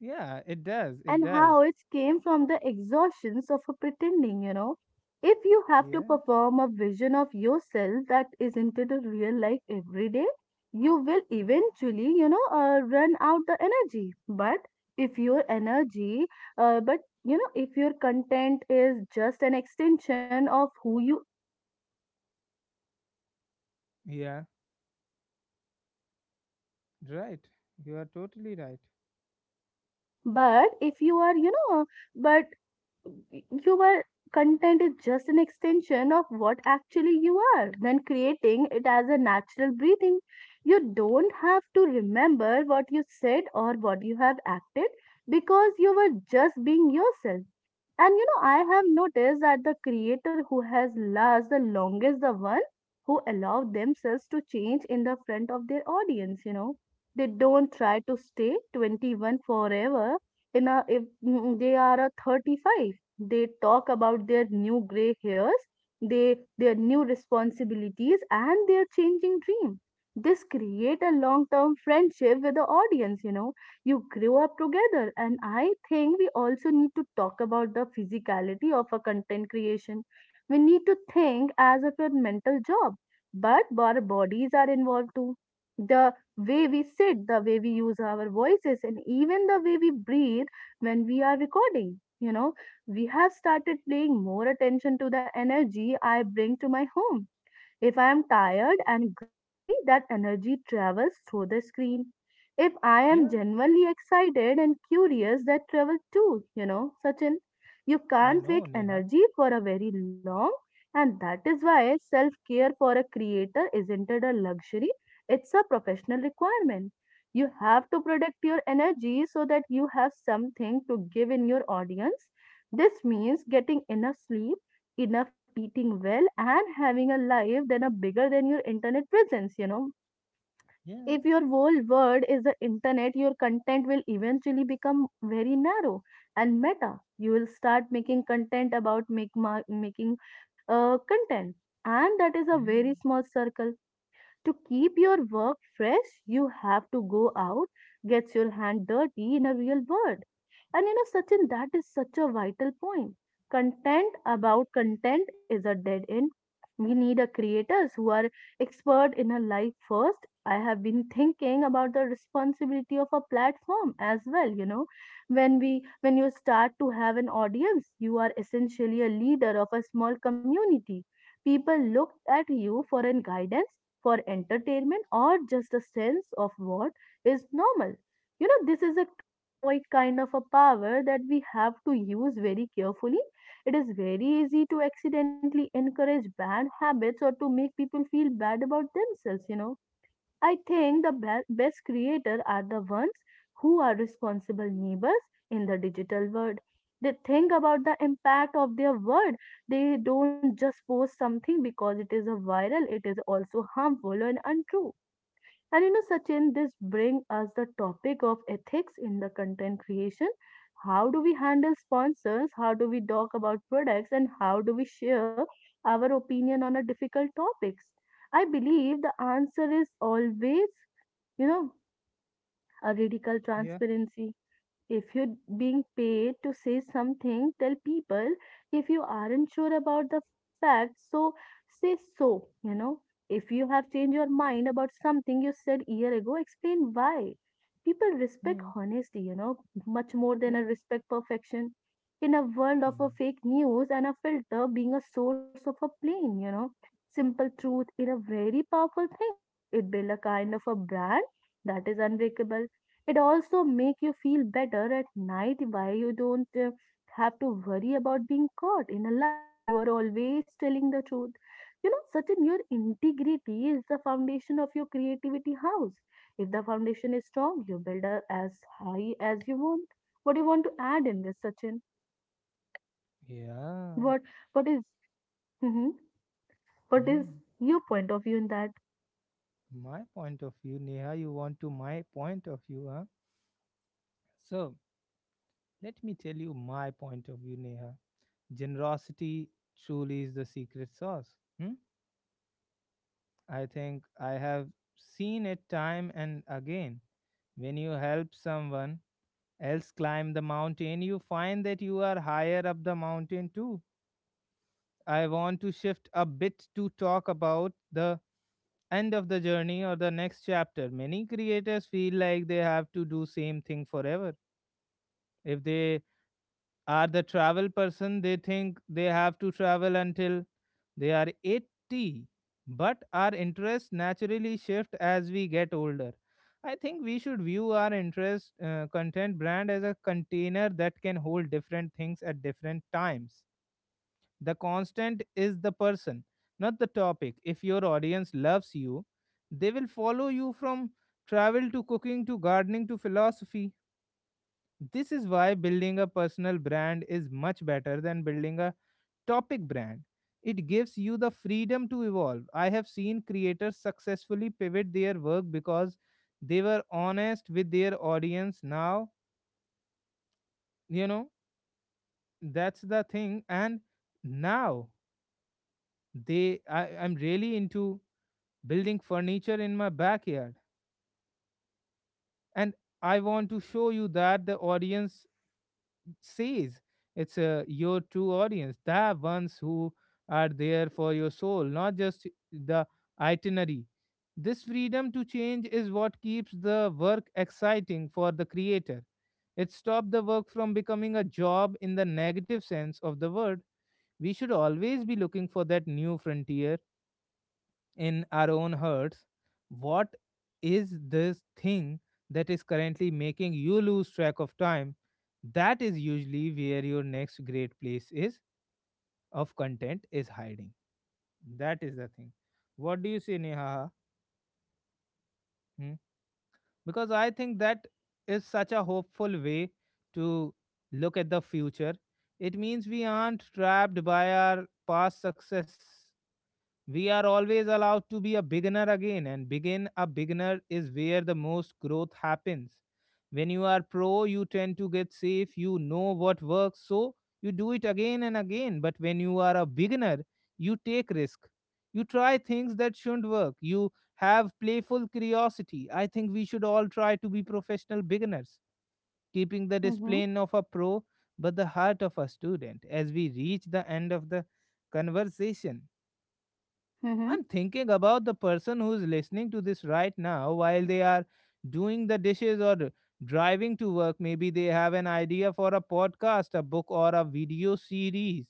Speaker 1: Yeah, it does. It
Speaker 2: and how
Speaker 1: does.
Speaker 2: it came from the exhaustions of a pretending, you know. If you have to
Speaker 1: Yeah.
Speaker 2: perform a vision of yourself that isn't in a real life every day, you will eventually, you know, run out the energy. But if your energy, but you know, if your content is just an extension of who you,
Speaker 1: Yeah. Right. You are totally right.
Speaker 2: but if you are, you know, but Your content is just an extension of what actually you are, then creating it as a natural breathing. You don't have to remember what you said or what you have acted because you were just being yourself. And you know, I have noticed that the creator who has last the longest, the one who allowed themselves to change in the front of their audience, you know. They don't try to stay 21 forever in a if they are a 35, they talk about their new gray hairs, they their new responsibilities and their changing dream. This create a long term friendship with the audience, you know, you grow up together. And I think we also need to talk about the physicality of a content creation. We need to think as if a mental job, but our bodies are involved too, the way we sit, the way we use our voices, and even the way we breathe when we are recording, you know. We have started paying more attention to the energy I bring to my home. If I am tired and grumpy, that energy travels through the screen. If I
Speaker 1: Yeah.
Speaker 2: am genuinely excited and curious, that travels too, you know, Sachin. You
Speaker 1: I
Speaker 2: can't
Speaker 1: know,
Speaker 2: fake
Speaker 1: Neha.
Speaker 2: energy for a very long, and that is why self care for a creator isn't it a luxury, it's a professional requirement. You have to protect your energy so that you have something to give in your audience. This means getting enough sleep enough eating well and having a life than a bigger than your internet presence. If
Speaker 1: Yeah.
Speaker 2: your whole world is the internet, your content will eventually become very narrow and meta. You will start making content about making content, and that is a very
Speaker 1: Hmm.
Speaker 2: small circle. To keep your work fresh, you have to go out, get your hand dirty in a real world. And you know, Sachin, that is such a vital point. Content about content is a dead end. We need a creators who are expert in a life first. I have been thinking about the responsibility of a platform as well. When you start to have an audience, you are essentially a leader of a small community. People look at you for an guidance, for entertainment, or just a sense of what is normal. You know, this is a quite kind of a power that we have to use very carefully. It is very easy to accidentally encourage bad habits or to make people feel bad about themselves. I think the best creators are the ones who are responsible neighbors in the digital world. They think about the impact of their word. They don't just post something because it is a viral, it is also harmful and untrue. And you know, Sachin, this brings us the topic of ethics in the content creation. How do we handle sponsors? How do we talk about products? And how do we share our opinion on a difficult topics? I believe the answer is always, you know, a radical
Speaker 1: Yeah.
Speaker 2: transparency. If you're being paid to say something, tell people if you aren't sure about the facts, so say so. If you have changed your mind about something you said a year ago, explain why. People respect
Speaker 1: Hmm.
Speaker 2: honesty, much more than a
Speaker 1: Yeah.
Speaker 2: respect perfection. In a world of a
Speaker 1: Hmm.
Speaker 2: fake news and a filter being a source of a plain, simple truth is a very powerful thing. It builds a kind of a brand that is unbreakable. It also make you feel better at night why you don't have to worry about being caught in a lie if you are always telling the truth. Certain your integrity is the foundation of your creativity house. If the foundation is strong, you build a, as high as you want. What do you want to add in this, Sachin?
Speaker 1: Yeah.
Speaker 2: What what is mhm, what is
Speaker 1: Hmm.
Speaker 2: your point of view in that?
Speaker 1: My point of view, Neha. You want to my point of view, huh? So let me tell you my point of view, Neha. Generosity truly is the secret sauce. Hmm? I think I have seen it time and again. When you help someone else climb the mountain, you find that you are higher up the mountain too. I want to shift a bit to talk about the end of the journey or the next chapter. Many creators feel like they have to do same thing forever. If they are the travel person, they think they have to travel until they are 80. But our interests naturally shift as we get older. I think we should view our interest content brand as a container that can hold different things at different times. The constant is the person, not the topic. If your audience loves you, they will follow you from travel to cooking to gardening to philosophy. This is why building a personal brand is much better than building a topic brand. It gives you the freedom to evolve. I have seen creators successfully pivot their work because they were honest with their audience. Now, you know, that's the thing. And now I'm really into building furniture in my backyard. And I want to show you that the audience says it's your true audience, the ones who are there for your soul, not just the itinerary. This freedom to change is what keeps the work exciting for the creator. It stops the work from becoming a job in the negative sense of the word. We should always be looking for that new frontier in our own hearts. What is this thing that is currently making you lose track of time? That is usually where your next great place is of content is hiding. That is the thing. What do you say, Neha? Hmm? Because I think that is such a hopeful way to look at the future. It means we aren't trapped by our past success. We are always allowed to be a beginner again, and begin a beginner is where the most growth happens. When you are pro, you tend to get safe, you know what works, so you do it again and again. But when you are a beginner, you take risk. You try things that shouldn't work. You have playful curiosity. I think we should all try to be professional beginners, keeping the
Speaker 2: Mm-hmm.
Speaker 1: discipline of a pro but the heart of a student. As we reach the end of the conversation,
Speaker 2: Mm-hmm.
Speaker 1: I'm thinking about the person who's listening to this right now while they are doing the dishes or driving to work. Maybe they have an idea for a podcast, a book, or a video series,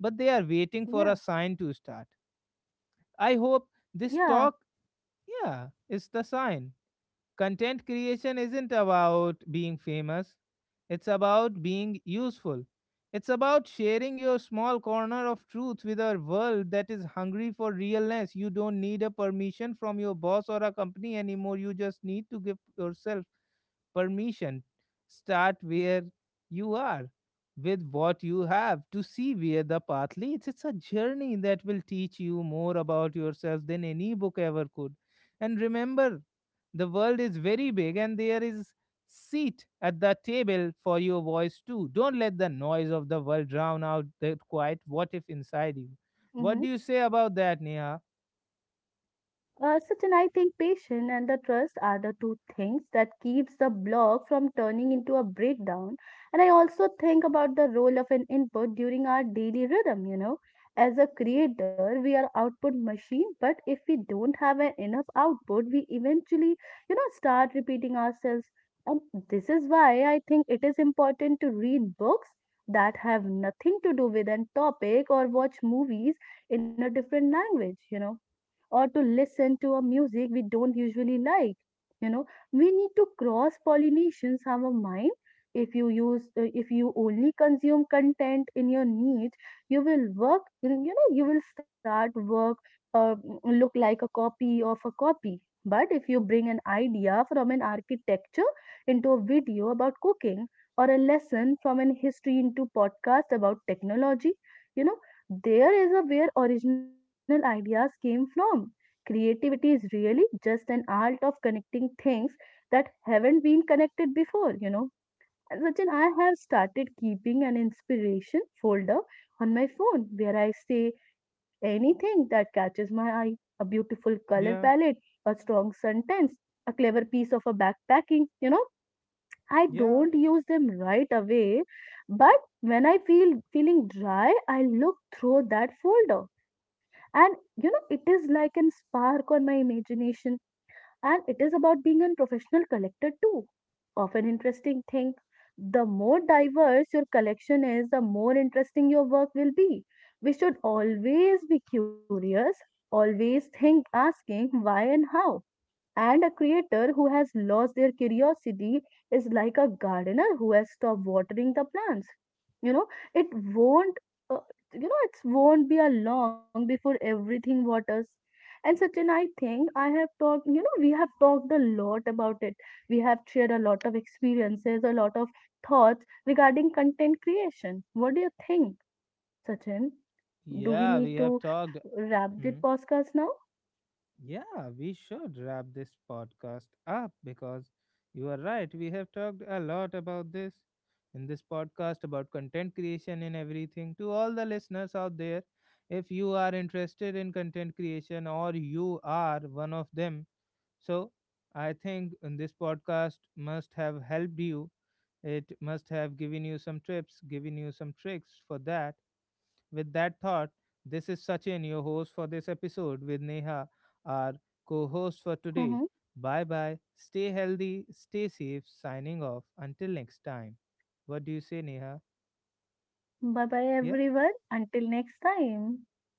Speaker 1: but they are waiting for a
Speaker 2: Yeah.
Speaker 1: sign to start. I hope this
Speaker 2: Yeah.
Speaker 1: talk, yeah, is the sign. Content creation isn't about being famous, it's about being useful. It's about sharing your small corner of truth with a world that is hungry for realness. You don't need a permission from your boss or a company anymore. You just need to give yourself permission. Start where you are, with what you have, to see where the path leads. It's a journey that will teach you more about yourself than any book ever could. And remember, the world is very big and there is seat at the table for your voice too. Don't let the noise of the world drown out that quiet what if inside you. What
Speaker 2: Mm-hmm.
Speaker 1: do you say about that, Neha?
Speaker 2: Sachin, I think patience and the trust are the two things that keeps the blog from turning into a breakdown. And I also think about the role of an input during our daily rhythm, you know. As a creator, we are output machine, but if we don't have an enough output, we eventually, you know, start repeating ourselves. And this is why I think it is important to read books that have nothing to do with an topic, or watch movies in a different language, you know, or to listen to a music we don't usually like. You know, we need to cross pollinations our mind. If you only consume content in your niche, you will work. You know, you will start work uh, look like a copy of a copy. But if you bring an idea from an architecture into a video about cooking, or a lesson from an history into podcast about technology, you know, there is a where original ideas came from. Creativity is really just an art of connecting things that haven't been connected before, you know. And Sachin, I have started keeping an inspiration folder on my phone where I say anything that catches my eye, a beautiful color palette,
Speaker 1: Yeah,
Speaker 2: a strong sentence, a clever piece of a backpacking. I
Speaker 1: yeah.
Speaker 2: don't use them right away, but when I feel feeling dry, I look through that folder. And you know, it is like an spark on my imagination, and it is about being a professional collector too. Of an interesting thing, the more diverse your collection is, the more interesting your work will be. We should always be curious, always think, asking why and how, and a creator who has lost their curiosity is like a gardener who has stopped watering the plants. You know, it won't, uh, you know, it won't be a long before everything waters. And Sachin, I think I have talked, you know, we have talked a lot about it. We have shared a lot of experiences, a lot of thoughts regarding content creation. What do you think, Sachin?
Speaker 1: Yeah,
Speaker 2: Do
Speaker 1: we
Speaker 2: we
Speaker 1: have
Speaker 2: need to
Speaker 1: talked.
Speaker 2: wrap
Speaker 1: Hmm?
Speaker 2: the podcast now?
Speaker 1: Yeah, we should wrap this podcast up because you are right. We have talked a lot about this in this podcast about content creation and everything. To all the listeners out there, if you are interested in content creation or you are one of them, so I think in this podcast must have helped you. It must have given you some tips, given you some tricks for that. With that thought, this is Sachin, your host for this episode, with Neha, our co host for today.
Speaker 2: Mm-hmm.
Speaker 1: Bye bye. Stay healthy, stay safe. Signing off. Until next time. What do you say, Neha?
Speaker 2: Bye bye,
Speaker 1: Yeah?
Speaker 2: everyone. Until next time.